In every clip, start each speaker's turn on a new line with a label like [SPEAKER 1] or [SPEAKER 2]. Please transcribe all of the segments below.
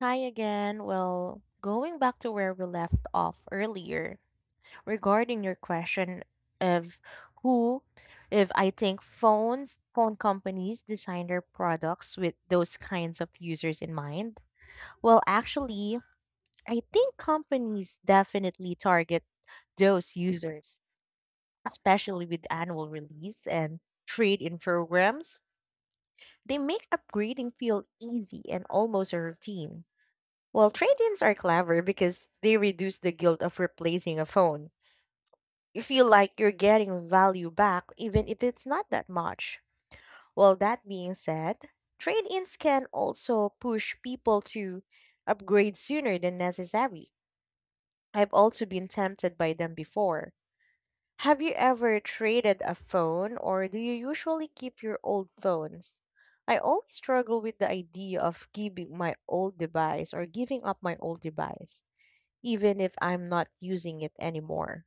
[SPEAKER 1] Hi again. Well, going back to where we left off earlier regarding your question of who, if I think phone companies design their products with those kinds of users in mind. Well, actually, I think companies definitely target those users, especially with annual release and trade in programs. They make upgrading feel easy and almost a routine. Well, trade-ins are clever because they reduce the guilt of replacing a phone. You feel like you're getting value back even if it's not that much. Well, that being said, trade-ins can also push people to upgrade sooner than necessary. I've also been tempted by them before. Have you ever traded a phone or do you usually keep your old phones? I always struggle with the idea of giving my old device or giving up my old device, even if I'm not using it anymore.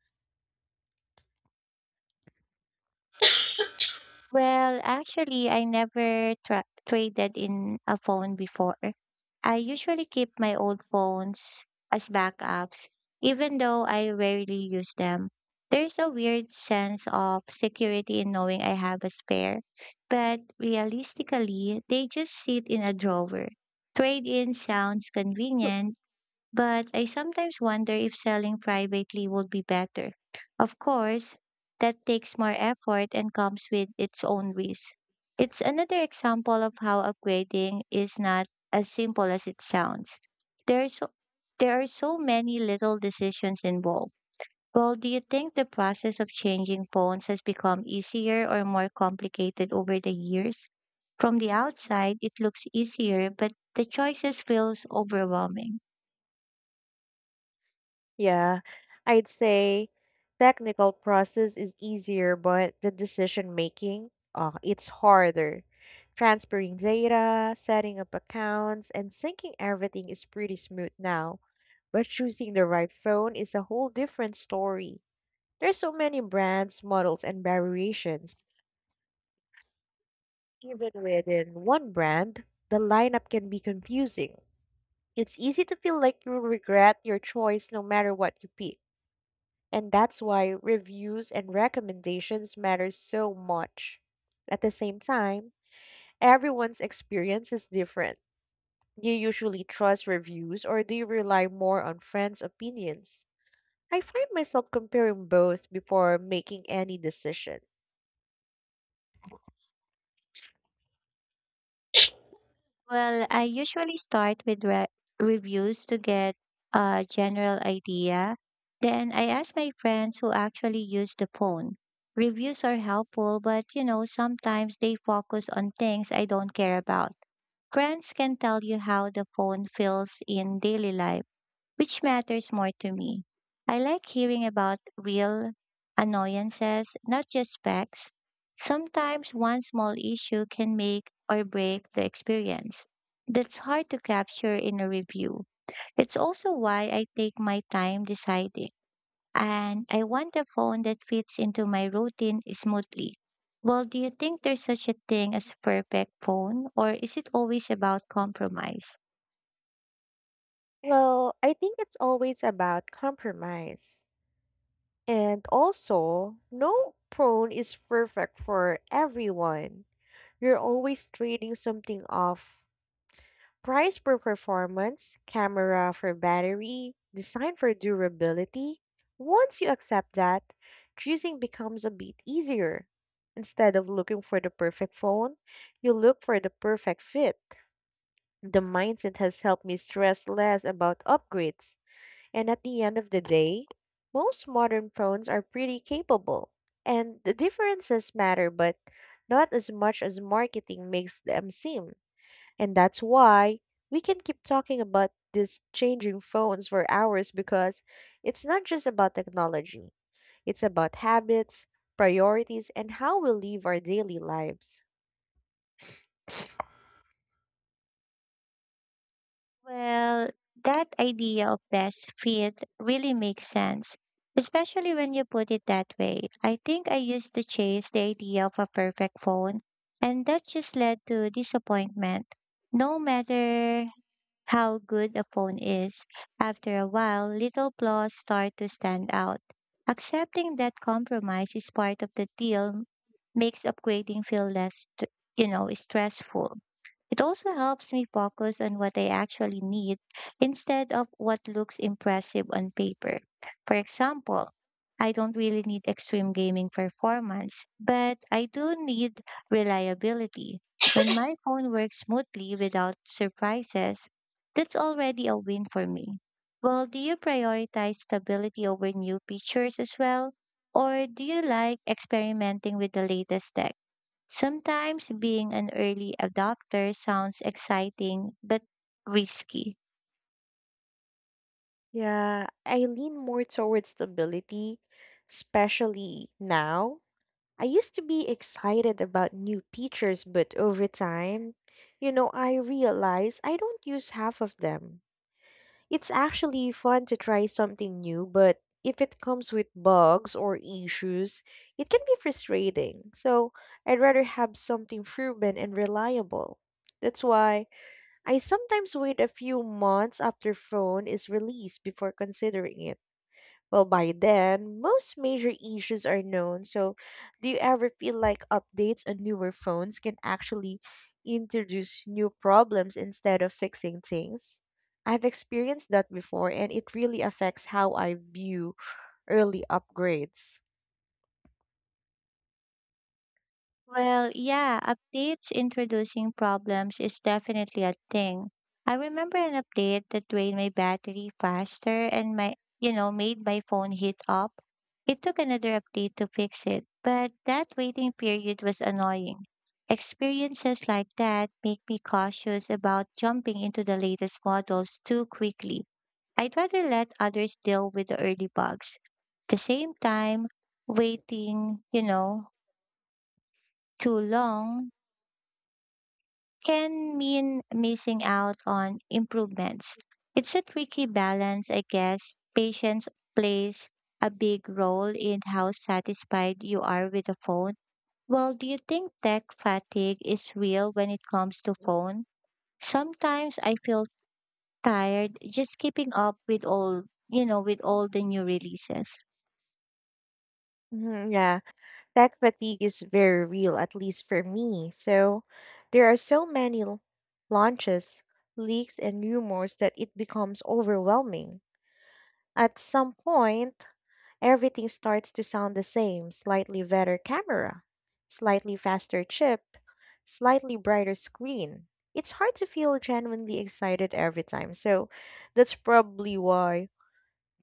[SPEAKER 2] Well, actually, I never traded in a phone before. I usually keep my old phones as backups, even though I rarely use them. There's a weird sense of security in knowing I have a spare, but realistically, they just sit in a drawer. Trade in sounds convenient but I sometimes wonder if selling privately would be better. Of course, that takes more effort and comes with its own risk. It's another example of how upgrading is not as simple as it sounds. There are so, there are so many little decisions involved. Well, do you think the process of changing phones has become easier or more complicated over the years? From the outside, it looks easier, but the choices feels overwhelming.
[SPEAKER 1] Yeah, I'd say technical process is easier, but the decision making, it's harder. Transferring data, setting up accounts, and syncing everything is pretty smooth now. But choosing the right phone is a whole different story. There's so many brands, models, and variations. Even within one brand, the lineup can be confusing. It's easy to feel like you'll regret your choice no matter what you pick. And that's why reviews and recommendations matter so much. At the same time, everyone's experience is different. Do you usually trust reviews or do you rely more on friends' opinions? I find myself comparing both before making any decision.
[SPEAKER 2] Well, I usually start with reviews to get a general idea. Then I ask my friends who actually use the phone. Reviews are helpful, but sometimes they focus on things I don't care about. Friends can tell you how the phone feels in daily life which matters more to me. I like hearing about real annoyances, not just facts. Sometimes one small issue can make or break the experience. That's hard to capture in a review. It's also why I take my time deciding. And I want a phone that fits into my routine smoothly. Well, do you think there's such a thing as perfect phone, or is it always about compromise?
[SPEAKER 1] Well, I think it's always about compromise. And also, no prone is perfect for everyone. You're always trading something off. Price for performance, camera for battery, design for durability. Once you accept that, choosing becomes a bit easier. Instead of looking for the perfect phone, you look for the perfect fit. The mindset has helped me stress less about upgrades, and at the end of the day, most modern phones are pretty capable. And the differences matter, but not as much as marketing makes them seem. And that's why we can keep talking about these changing phones for hours, because it's not just about technology, it's about habits, priorities, and how we live our daily lives.
[SPEAKER 2] Well, that idea of best fit really makes sense, especially when you put it that way. I think I used to chase the idea of a perfect phone, and that just led to disappointment. No matter how good a phone is, after a while, little flaws start to stand out. Accepting that compromise is part of the deal makes upgrading feel stressful. It also helps me focus on what I actually need instead of what looks impressive on paper. For example, I don't really need extreme gaming performance, but I do need reliability. When my phone works smoothly without surprises, that's already a win for me. Well, do you prioritize stability over new features as well? Or do you like experimenting with the latest tech? Sometimes being an early adopter sounds exciting but risky.
[SPEAKER 1] Yeah, I lean more towards stability, especially now. I used to be excited about new features, but over time, you know, I realize I don't use half of them. It's actually fun to try something new, but if it comes with bugs or issues, it can be frustrating. So I'd rather have something proven and reliable. That's why I sometimes wait a few months after phone is released before considering it. Well, by then, most major issues are known. So, do you ever feel like updates on newer phones can actually introduce new problems instead of fixing things? I've experienced that before, and it really affects how I view early upgrades.
[SPEAKER 2] Well, yeah, updates introducing problems is definitely a thing. I remember an update that drained my battery faster and made my phone heat up. It took another update to fix it, but that waiting period was annoying. Experiences like that make me cautious about jumping into the latest models too quickly. I'd rather let others deal with the early bugs. At the same time, waiting too long can mean missing out on improvements. It's a tricky balance, I guess. Patience plays a big role in how satisfied you are with the phone. Well, do you think tech fatigue is real when it comes to phone? Sometimes I feel tired just keeping up with with all the new releases.
[SPEAKER 1] Mhm, yeah, tech fatigue is very real, at least for me. So, there are so many launches, leaks, and rumors that it becomes overwhelming. At some point, everything starts to sound the same: slightly better camera, slightly faster chip, slightly brighter screen. It's hard to feel genuinely excited every time, so that's probably why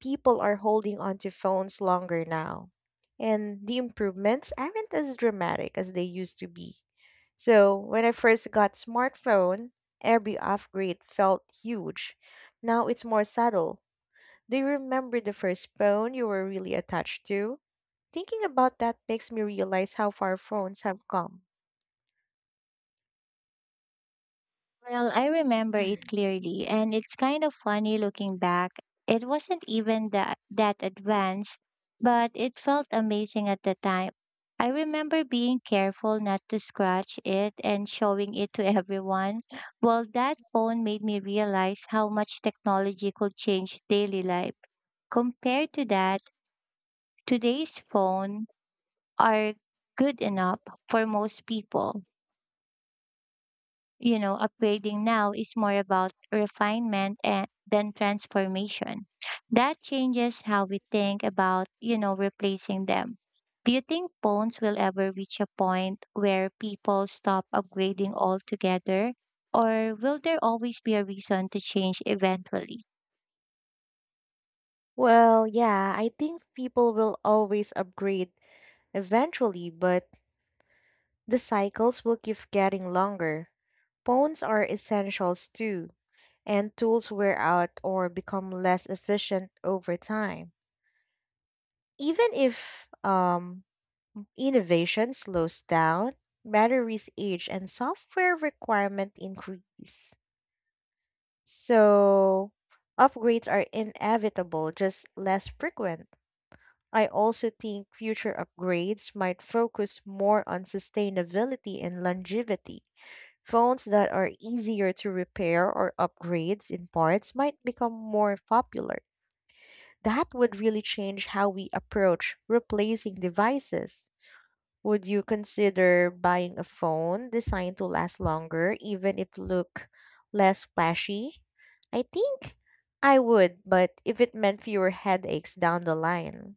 [SPEAKER 1] people are holding on to phones longer now. And the improvements aren't as dramatic as they used to be. So, when I first got smartphone, every upgrade felt huge. Now it's more subtle. Do you remember the first phone you were really attached to? Thinking about that makes me realize how far phones have come.
[SPEAKER 2] Well, I remember it clearly, and it's kind of funny looking back. It wasn't even that advanced, but it felt amazing at the time. I remember being careful not to scratch it and showing it to everyone. Well, that phone made me realize how much technology could change daily life. Compared to that, today's phone are good enough for most people. Upgrading now is more about refinement and than transformation. That changes how we think about replacing them. Do you think phones will ever reach a point where people stop upgrading altogether? Or will there always be a reason to change eventually?
[SPEAKER 1] Well, yeah, I think people will always upgrade eventually, but the cycles will keep getting longer. Phones are essentials too, and tools wear out or become less efficient over time. Even if innovation slows down, batteries age and software requirement increase. So upgrades are inevitable, just less frequent. I also think future upgrades might focus more on sustainability and longevity. Phones that are easier to repair or upgrades in parts might become more popular. That would really change how we approach replacing devices. Would you consider buying a phone designed to last longer, even if look less flashy? I think I would, but if it meant fewer headaches down the line.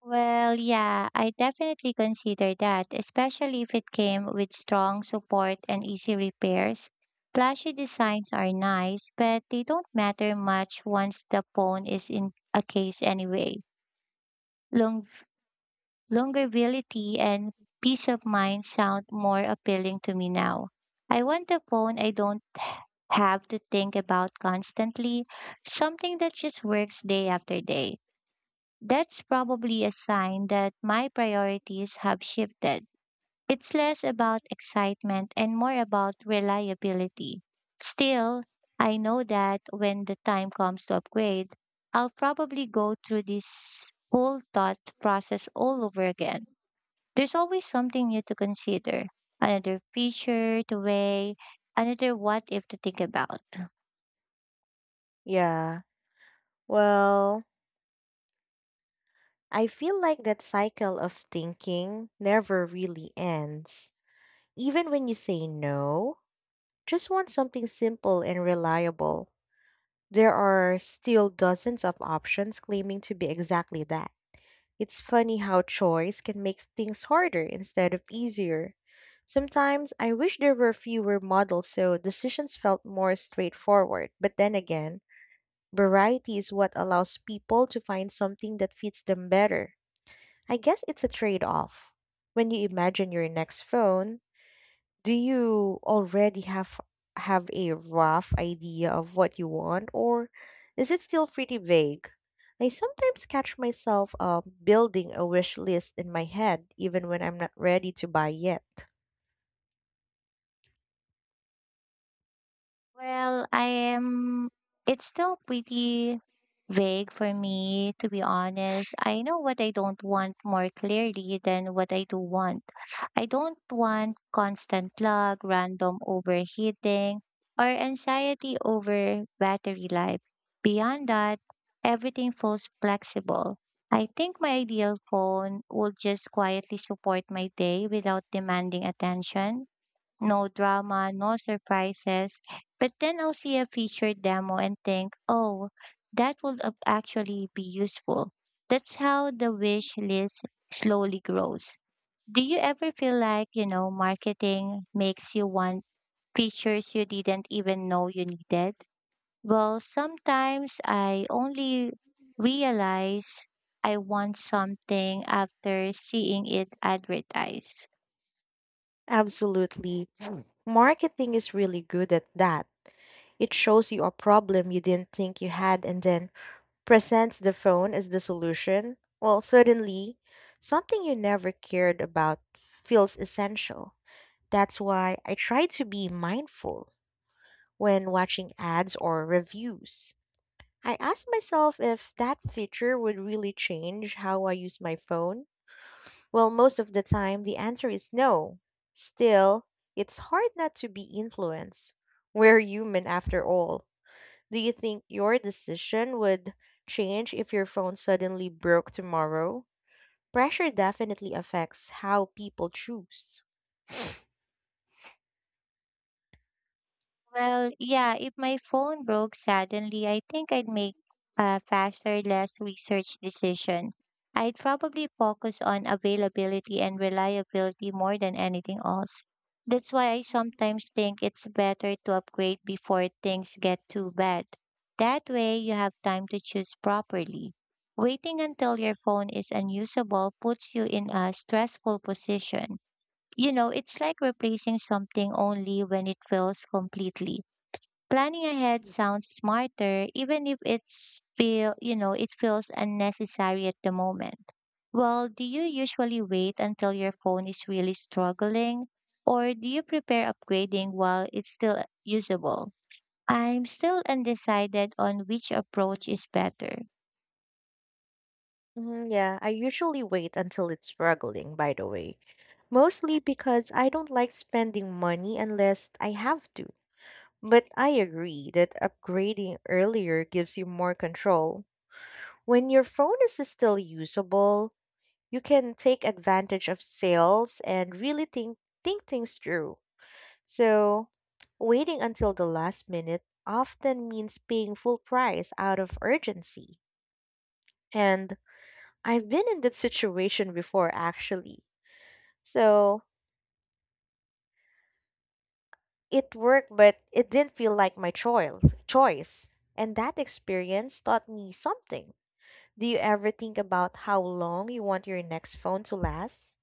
[SPEAKER 2] Well, yeah, I definitely consider that, especially if it came with strong support and easy repairs. Flashy designs are nice, but they don't matter much once the phone is in a case anyway. Long- Longevity and peace of mind sound more appealing to me now. I want a phone I don't have to think about constantly, something that just works day after day. That's probably a sign that my priorities have shifted. It's less about excitement and more about reliability. Still, I know that when the time comes to upgrade, I'll probably go through this whole thought process all over again. There's always something new to consider, another feature to weigh, another what if to think about.
[SPEAKER 1] Yeah. Well, I feel like that cycle of thinking never really ends. Even when you say no, just want something simple and reliable. There are still dozens of options claiming to be exactly that. It's funny how choice can make things harder instead of easier. Sometimes I wish there were fewer models so decisions felt more straightforward, but then again, variety is what allows people to find something that fits them better. I guess it's a trade off. When you imagine your next phone, do you already have a rough idea of what you want, or is it still pretty vague? I sometimes catch myself building a wish list in my head even when I'm not ready to buy yet.
[SPEAKER 2] Well, I am, it's still pretty vague for me, to be honest. I know what I don't want more clearly than what I do want. I don't want constant lag, random overheating, or anxiety over battery life. Beyond that, everything feels flexible. I think my ideal phone will just quietly support my day without demanding attention no drama, no surprises. But then I'll see a feature demo and think, oh, that would actually be useful. That's how the wish list slowly grows. Do you ever feel like marketing makes you want features you didn't even know you needed? Well, sometimes I only realize I want something after seeing it advertised.
[SPEAKER 1] Absolutely. Marketing is really good at that. It shows you a problem you didn't think you had and then presents the phone as the solution. Well, suddenly, something you never cared about feels essential. That's why I try to be mindful when watching ads or reviews. I ask myself if that feature would really change how I use my phone. Well, most of the time, the answer is no. Still, it's hard not to be influenced. We're human after all. Do you think your decision would change if your phone suddenly broke tomorrow? Pressure definitely affects how people choose.
[SPEAKER 2] Well, yeah, if my phone broke suddenly, I think I'd make a faster, less research decision. I'd probably focus on availability and reliability more than anything else. That's why I sometimes think it's better to upgrade before things get too bad. That way, you have time to choose properly. Waiting until your phone is unusable puts you in a stressful position. You know, it's like replacing something only when it fails completely. Planning ahead sounds smarter even if it feels unnecessary at the moment. Well, do you usually wait until your phone is really struggling or do you prepare upgrading while it's still usable? I'm still undecided on which approach is better.
[SPEAKER 1] Mhm, yeah, I usually wait until it's struggling, by the way. Mostly because I don't like spending money unless I have to. But I agree that upgrading earlier gives you more control. When your phone is still usable, you can take advantage of sales and really think things through. So, waiting until the last minute often means paying full price out of urgency. And I've been in that situation before actually. So it worked, but it didn't feel like my choil choice. And that experience taught me something. Do you ever think about how long you want your next phone to last?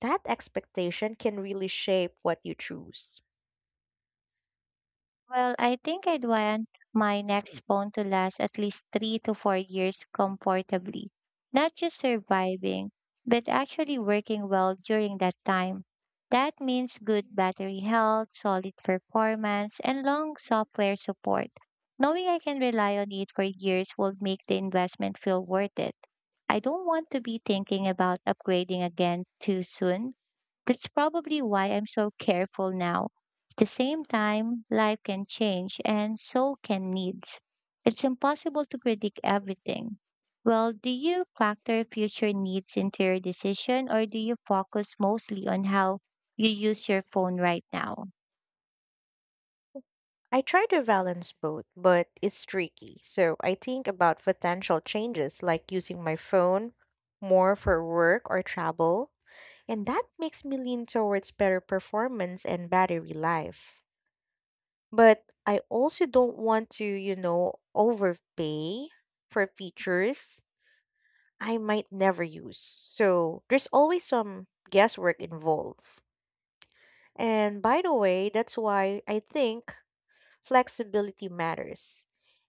[SPEAKER 1] That expectation can really shape what you choose.
[SPEAKER 2] Well, I think I'd want my next phone to last at least 3 to 4 years comfortably, not just surviving, but actually working well during that time. That means good battery health, solid performance, and long software support. Knowing I can rely on it for years will make the investment feel worth it. I don't want to be thinking about upgrading again too soon that's probably why I'm so careful now. At the same time, life can change and so can needs. It's impossible to predict everything. Well, do you factor future needs into your decision or do you focus mostly on how you use your phone right now?
[SPEAKER 1] I try to balance both, but it's tricky. So I think about potential changes like using my phone more for work or travel, and that makes me lean towards better performance and battery life. But I also don't want to, you know, overpay for features I might never use. So there's always some guesswork involved. And by the way, that's why I think flexibility matters.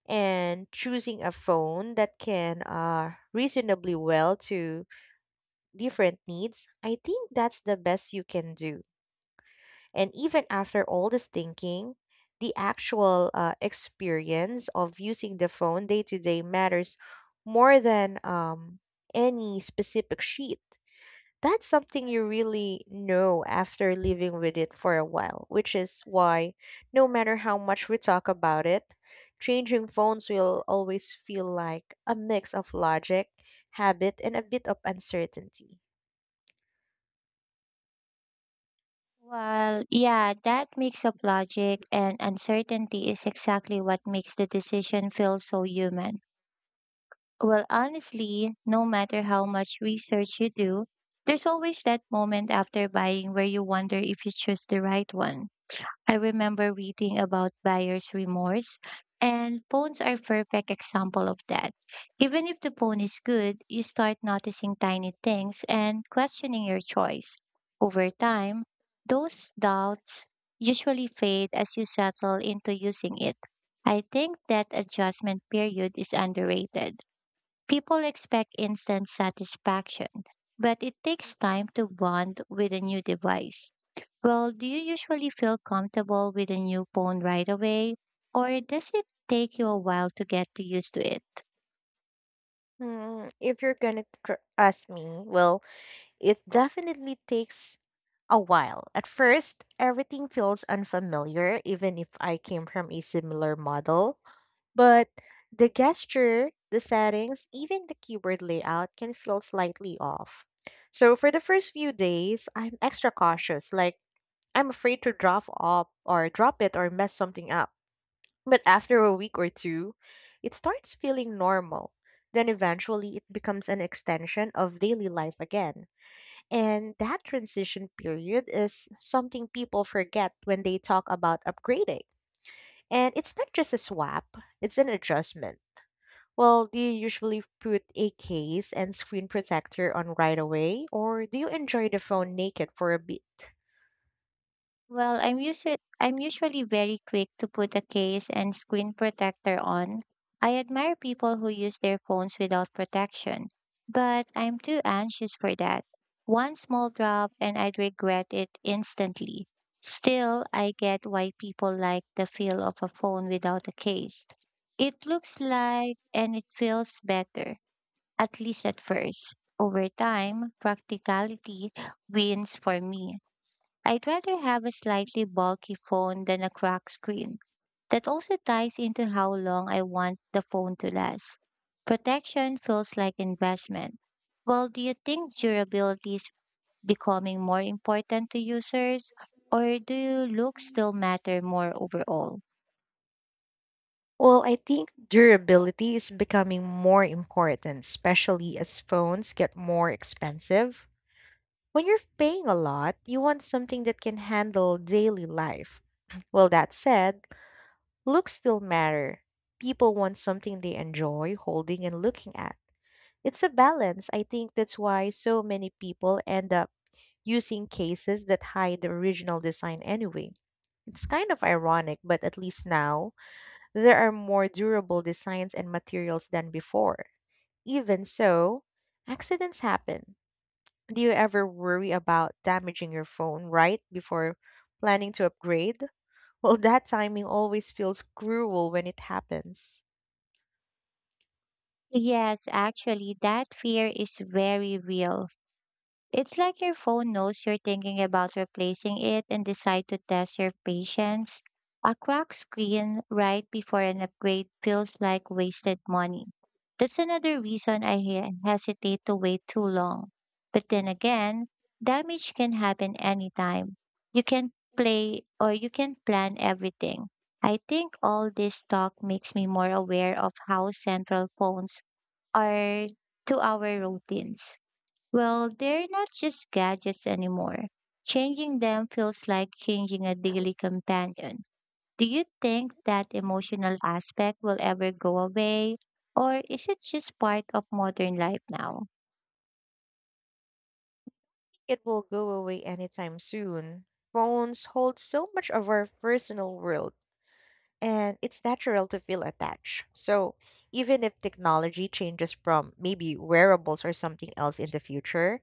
[SPEAKER 1] And choosing a phone that can reasonably well to different needs, I think that's the best you can do. And even after all this thinking, the actual experience of using the phone day to day matters more than any specific sheet. That's something you really know after living with it for a while, which is why, no matter how much we talk about it, changing phones will always feel like a mix of logic, habit, and a bit of uncertainty.
[SPEAKER 2] Well, yeah, that mix of logic and uncertainty is exactly what makes the decision feel so human. Well, honestly, no matter how much research you do, there's always that moment after buying where you wonder if you choose the right one. I remember reading about buyer's remorse, and phones are a perfect example of that. Even if the phone is good, you start noticing tiny things and questioning your choice. Over time, those doubts usually fade as you settle into using it. I think that adjustment period is underrated People expect instant satisfaction, but it takes time to bond with a new device. Well, do you usually feel comfortable with a new phone right away, or does it take you a while to get to used to it?
[SPEAKER 1] Hmm, if you're gonna ask me, well, it definitely takes a while. At first, everything feels unfamiliar, even if I came from a similar model. But the gesture, the settings, even the keyboard layout can feel slightly off. So for the first few days, I'm extra cautious, like I'm afraid to drop it or mess something up. But after a week or two, it starts feeling normal. Then eventually it becomes an extension of daily life again. And that transition period is something people forget when they talk about upgrading. And it's not just a swap, it's an adjustment. Well, do you usually put a case and screen protector on right away, or do you enjoy the phone naked for a bit?
[SPEAKER 2] Well, I'm usually very quick to put a case and screen protector on. I admire people who use their phones without protection, but I'm too anxious for that. One small drop and I'd regret it instantly. Still, I get why people like the feel of a phone without a case. It looks like and it feels better, at least at first. Over time, practicality wins for me. I'd rather have a slightly bulky phone than a cracked screen. That also ties into how long I want the phone to last. Protection feels like investment. Well, do you think durability is becoming more important to users, or do you look still matter more overall?
[SPEAKER 1] Well, I think durability is becoming more important, especially as phones get more expensive. When you're paying a lot, you want something that can handle daily life. Well, that said, looks still matter. People want something they enjoy holding and looking at. It's a balance. I think that's why so many people end up using cases that hide the original design anyway. It's kind of ironic, but at least now there are more durable designs and materials than before. Even so, accidents happen. Do you ever worry about damaging your phone right before planning to upgrade? Well, that timing always feels cruel when it happens.
[SPEAKER 2] Yes, actually, that fear is very real. It's like your phone knows you're thinking about replacing it and decide to test your patience. A cracked screen right before an upgrade feels like wasted money. That's another reason I hesitate to wait too long. But then again, damage can happen anytime. You can play or you can plan everything. I think all this talk makes me more aware of how central phones are to our routines. Well, they're not just gadgets anymore. Changing them feels like changing a daily companion. Do you think that emotional aspect will ever go away? Or is it just part of modern life now?
[SPEAKER 1] It will go away anytime soon. Phones hold so much of our personal world, and it's natural to feel attached. So, even if technology changes from maybe wearables or something else in the future,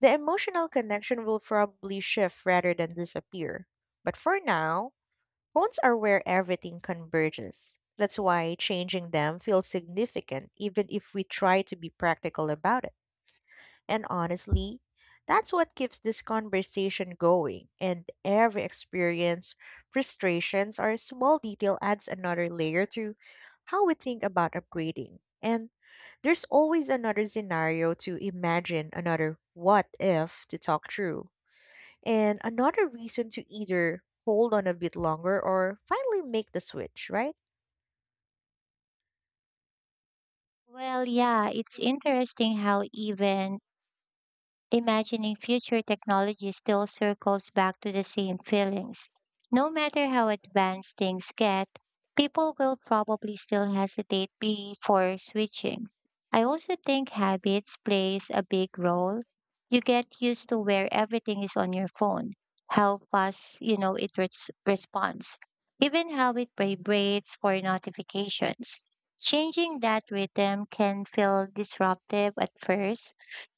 [SPEAKER 1] the emotional connection will probably shift rather than disappear. But for now, phones are where everything converges. That's why changing them feels significant, even if we try to be practical about it. And honestly, that's what keeps this conversation going. And every experience, frustrations, or small detail adds another layer to how we think about upgrading. And there's always another scenario to imagine, another what if to talk through, and another reason to either hold on a bit longer or finally make the switch, right?
[SPEAKER 2] Well, yeah, it's interesting how even imagining future technology still circles back to the same feelings. No matter how advanced things get, people will probably still hesitate before switching. I also think habits plays a big role. You get used to where everything is on your phone, how fast it responds, even how it vibrates for notifications. Changing that rhythm can feel disruptive at first,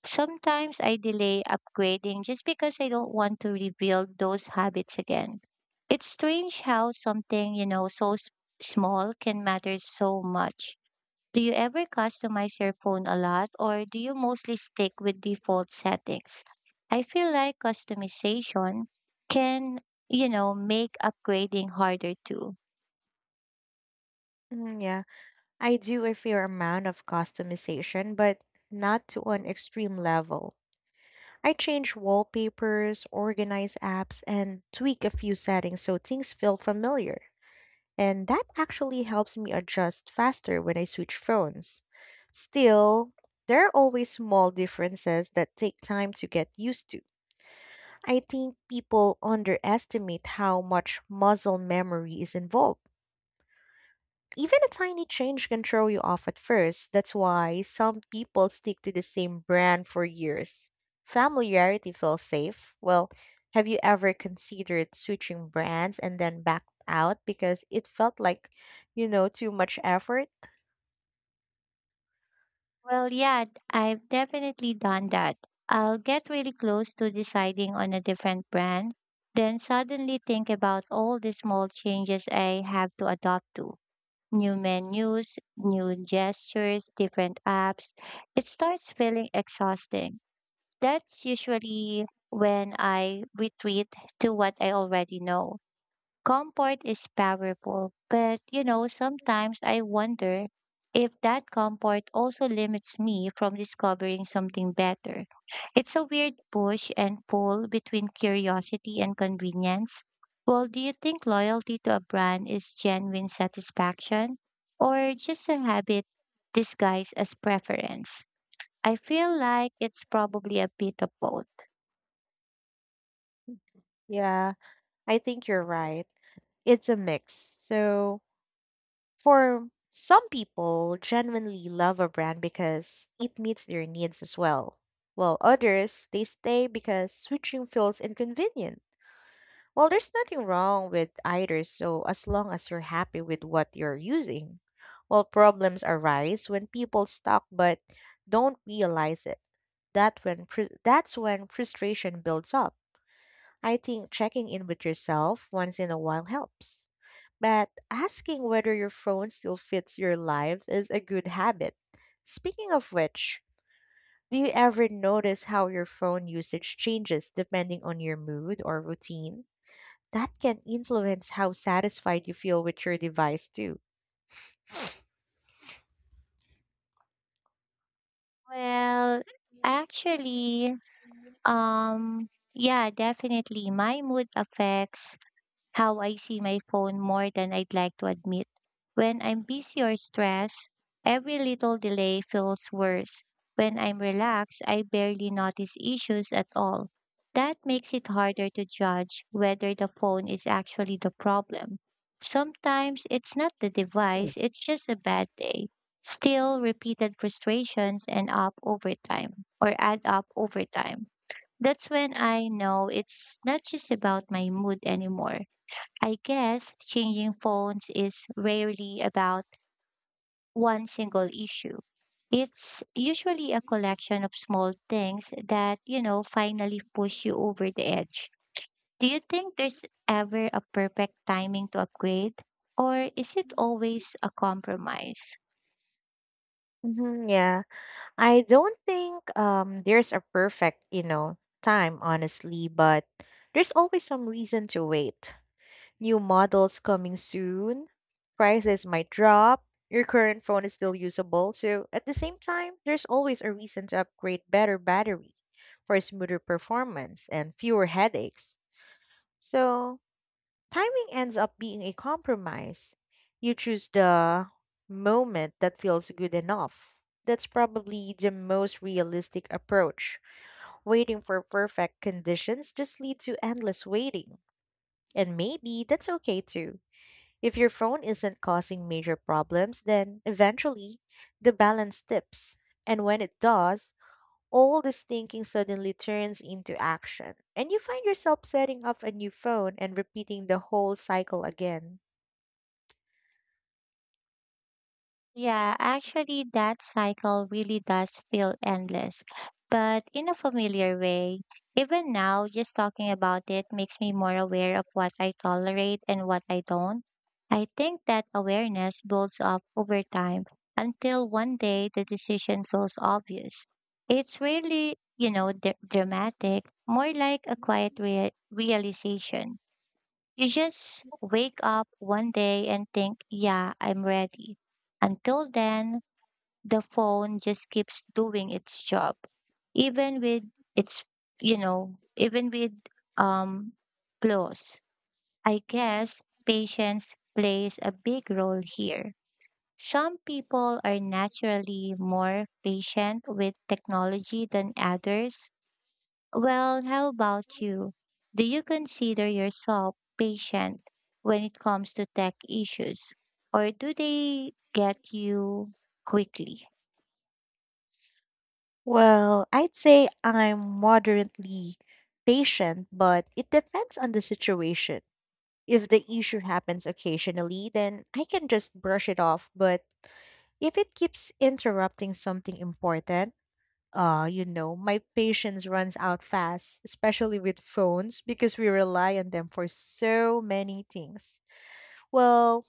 [SPEAKER 2] sometimes I delay upgrading just because I don't want to rebuild those habits again. It's strange how something so small can matter so much. Do you ever customize your phone a lot or do you mostly stick with default settings? I feel like customization can make upgrading harder too.
[SPEAKER 1] Mm, yeah, I do a fair amount of customization, but not to an extreme level. I change wallpapers, organize apps, and tweak a few settings so things feel familiar. And that actually helps me adjust faster when I switch phones. Still, there are always small differences that take time to get used to. I think people underestimate how much muscle memory is involved. Even a tiny change can throw you off at first. That's why some people stick to the same brand for years. Familiarity feels safe. Well, have you ever considered switching brands and then backed out because it felt like, you know, too much effort?
[SPEAKER 2] Well, yeah, I've definitely done that. I'll get really close to deciding on a different brand, then suddenly think about all the small changes I have to adopt to. New menus, new gestures, different apps. It starts feeling exhausting. That's usually when I retreat to what I already know. Comfort is powerful, but sometimes I wonder if that comfort also limits me from discovering something better. It's a weird push and pull between curiosity and convenience. Well, do you think loyalty to a brand is genuine satisfaction or just a habit disguised as preference? I feel like it's probably a bit of both.
[SPEAKER 1] Yeah, I think you're right. It's a mix. So, for some people, genuinely love a brand because it meets their needs as well. While others, they stay because switching feels inconvenient. Well, there's nothing wrong with either, so as long as you're happy with what you're using. Well, problems arise when people stock but don't realize it. That's when frustration builds up. I think checking in with yourself once in a while helps. But asking whether your phone still fits your life is a good habit. Speaking of which, do you ever notice how your phone usage changes depending on your mood or routine? That can influence how satisfied you feel with your device, too.
[SPEAKER 2] Well, actually, Um, yeah, definitely. My mood affects how I see my phone more than I'd like to admit. When I'm busy or stressed, every little delay feels worse. When I'm relaxed, I barely notice issues at all. That makes it harder to judge whether the phone is actually the problem. Sometimes it's not the device, it's just a bad day. Still, repeated frustrations end up over time or add up over time. That's when I know it's not just about my mood anymore. I guess changing phones is rarely about one single issue. It's usually a collection of small things that finally push you over the edge. Do you think there's ever a perfect timing to upgrade? Or is it always a compromise?
[SPEAKER 1] Mhm, yeah, I don't think there's a perfect, you know, time honestly, but there's always some reason to wait. New models coming soon. Prices might drop. Your current phone is still usable. So, at the same time, there's always a reason to upgrade: better battery for smoother performance and fewer headaches. So, timing ends up being a compromise. You choose the moment that feels good enough. That's probably the most realistic approach. Waiting for perfect conditions just lead to endless waiting. And maybe that's okay too. If your phone isn't causing major problems, then eventually the balance tips. And when it does, all this thinking suddenly turns into action. And you find yourself setting up a new phone and repeating the whole cycle again.
[SPEAKER 2] Yeah, actually, that cycle really does feel endless, but in a familiar way. Even now, just talking about it makes me more aware of what I tolerate and what I don't. I think that awareness builds up over time until one day the decision feels obvious. It's really dramatic, more like a quiet realization. You just wake up one day and think, yeah, I'm ready. Until then, the phone just keeps doing its job. Even with its, you know, even with um flaws. I guess patience plays a big role here. Some people are naturally more patient with technology than others, well, how about you? Do you consider yourself patient when it comes to tech issues, or do they get you quickly?
[SPEAKER 1] Well, I'd say I'm moderately patient, but it depends on the situation. If the issue happens occasionally, then I can just brush it off. But if it keeps interrupting something important, you know, my patience runs out fast, especially with phones, because we rely on them for so many things. Well,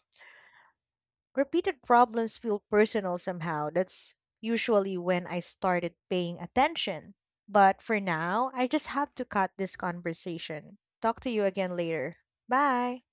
[SPEAKER 1] repeated problems feel personal somehow. That's usually when I started paying attention. But for now, I just have to cut this conversation. Talk to you again later. Bye.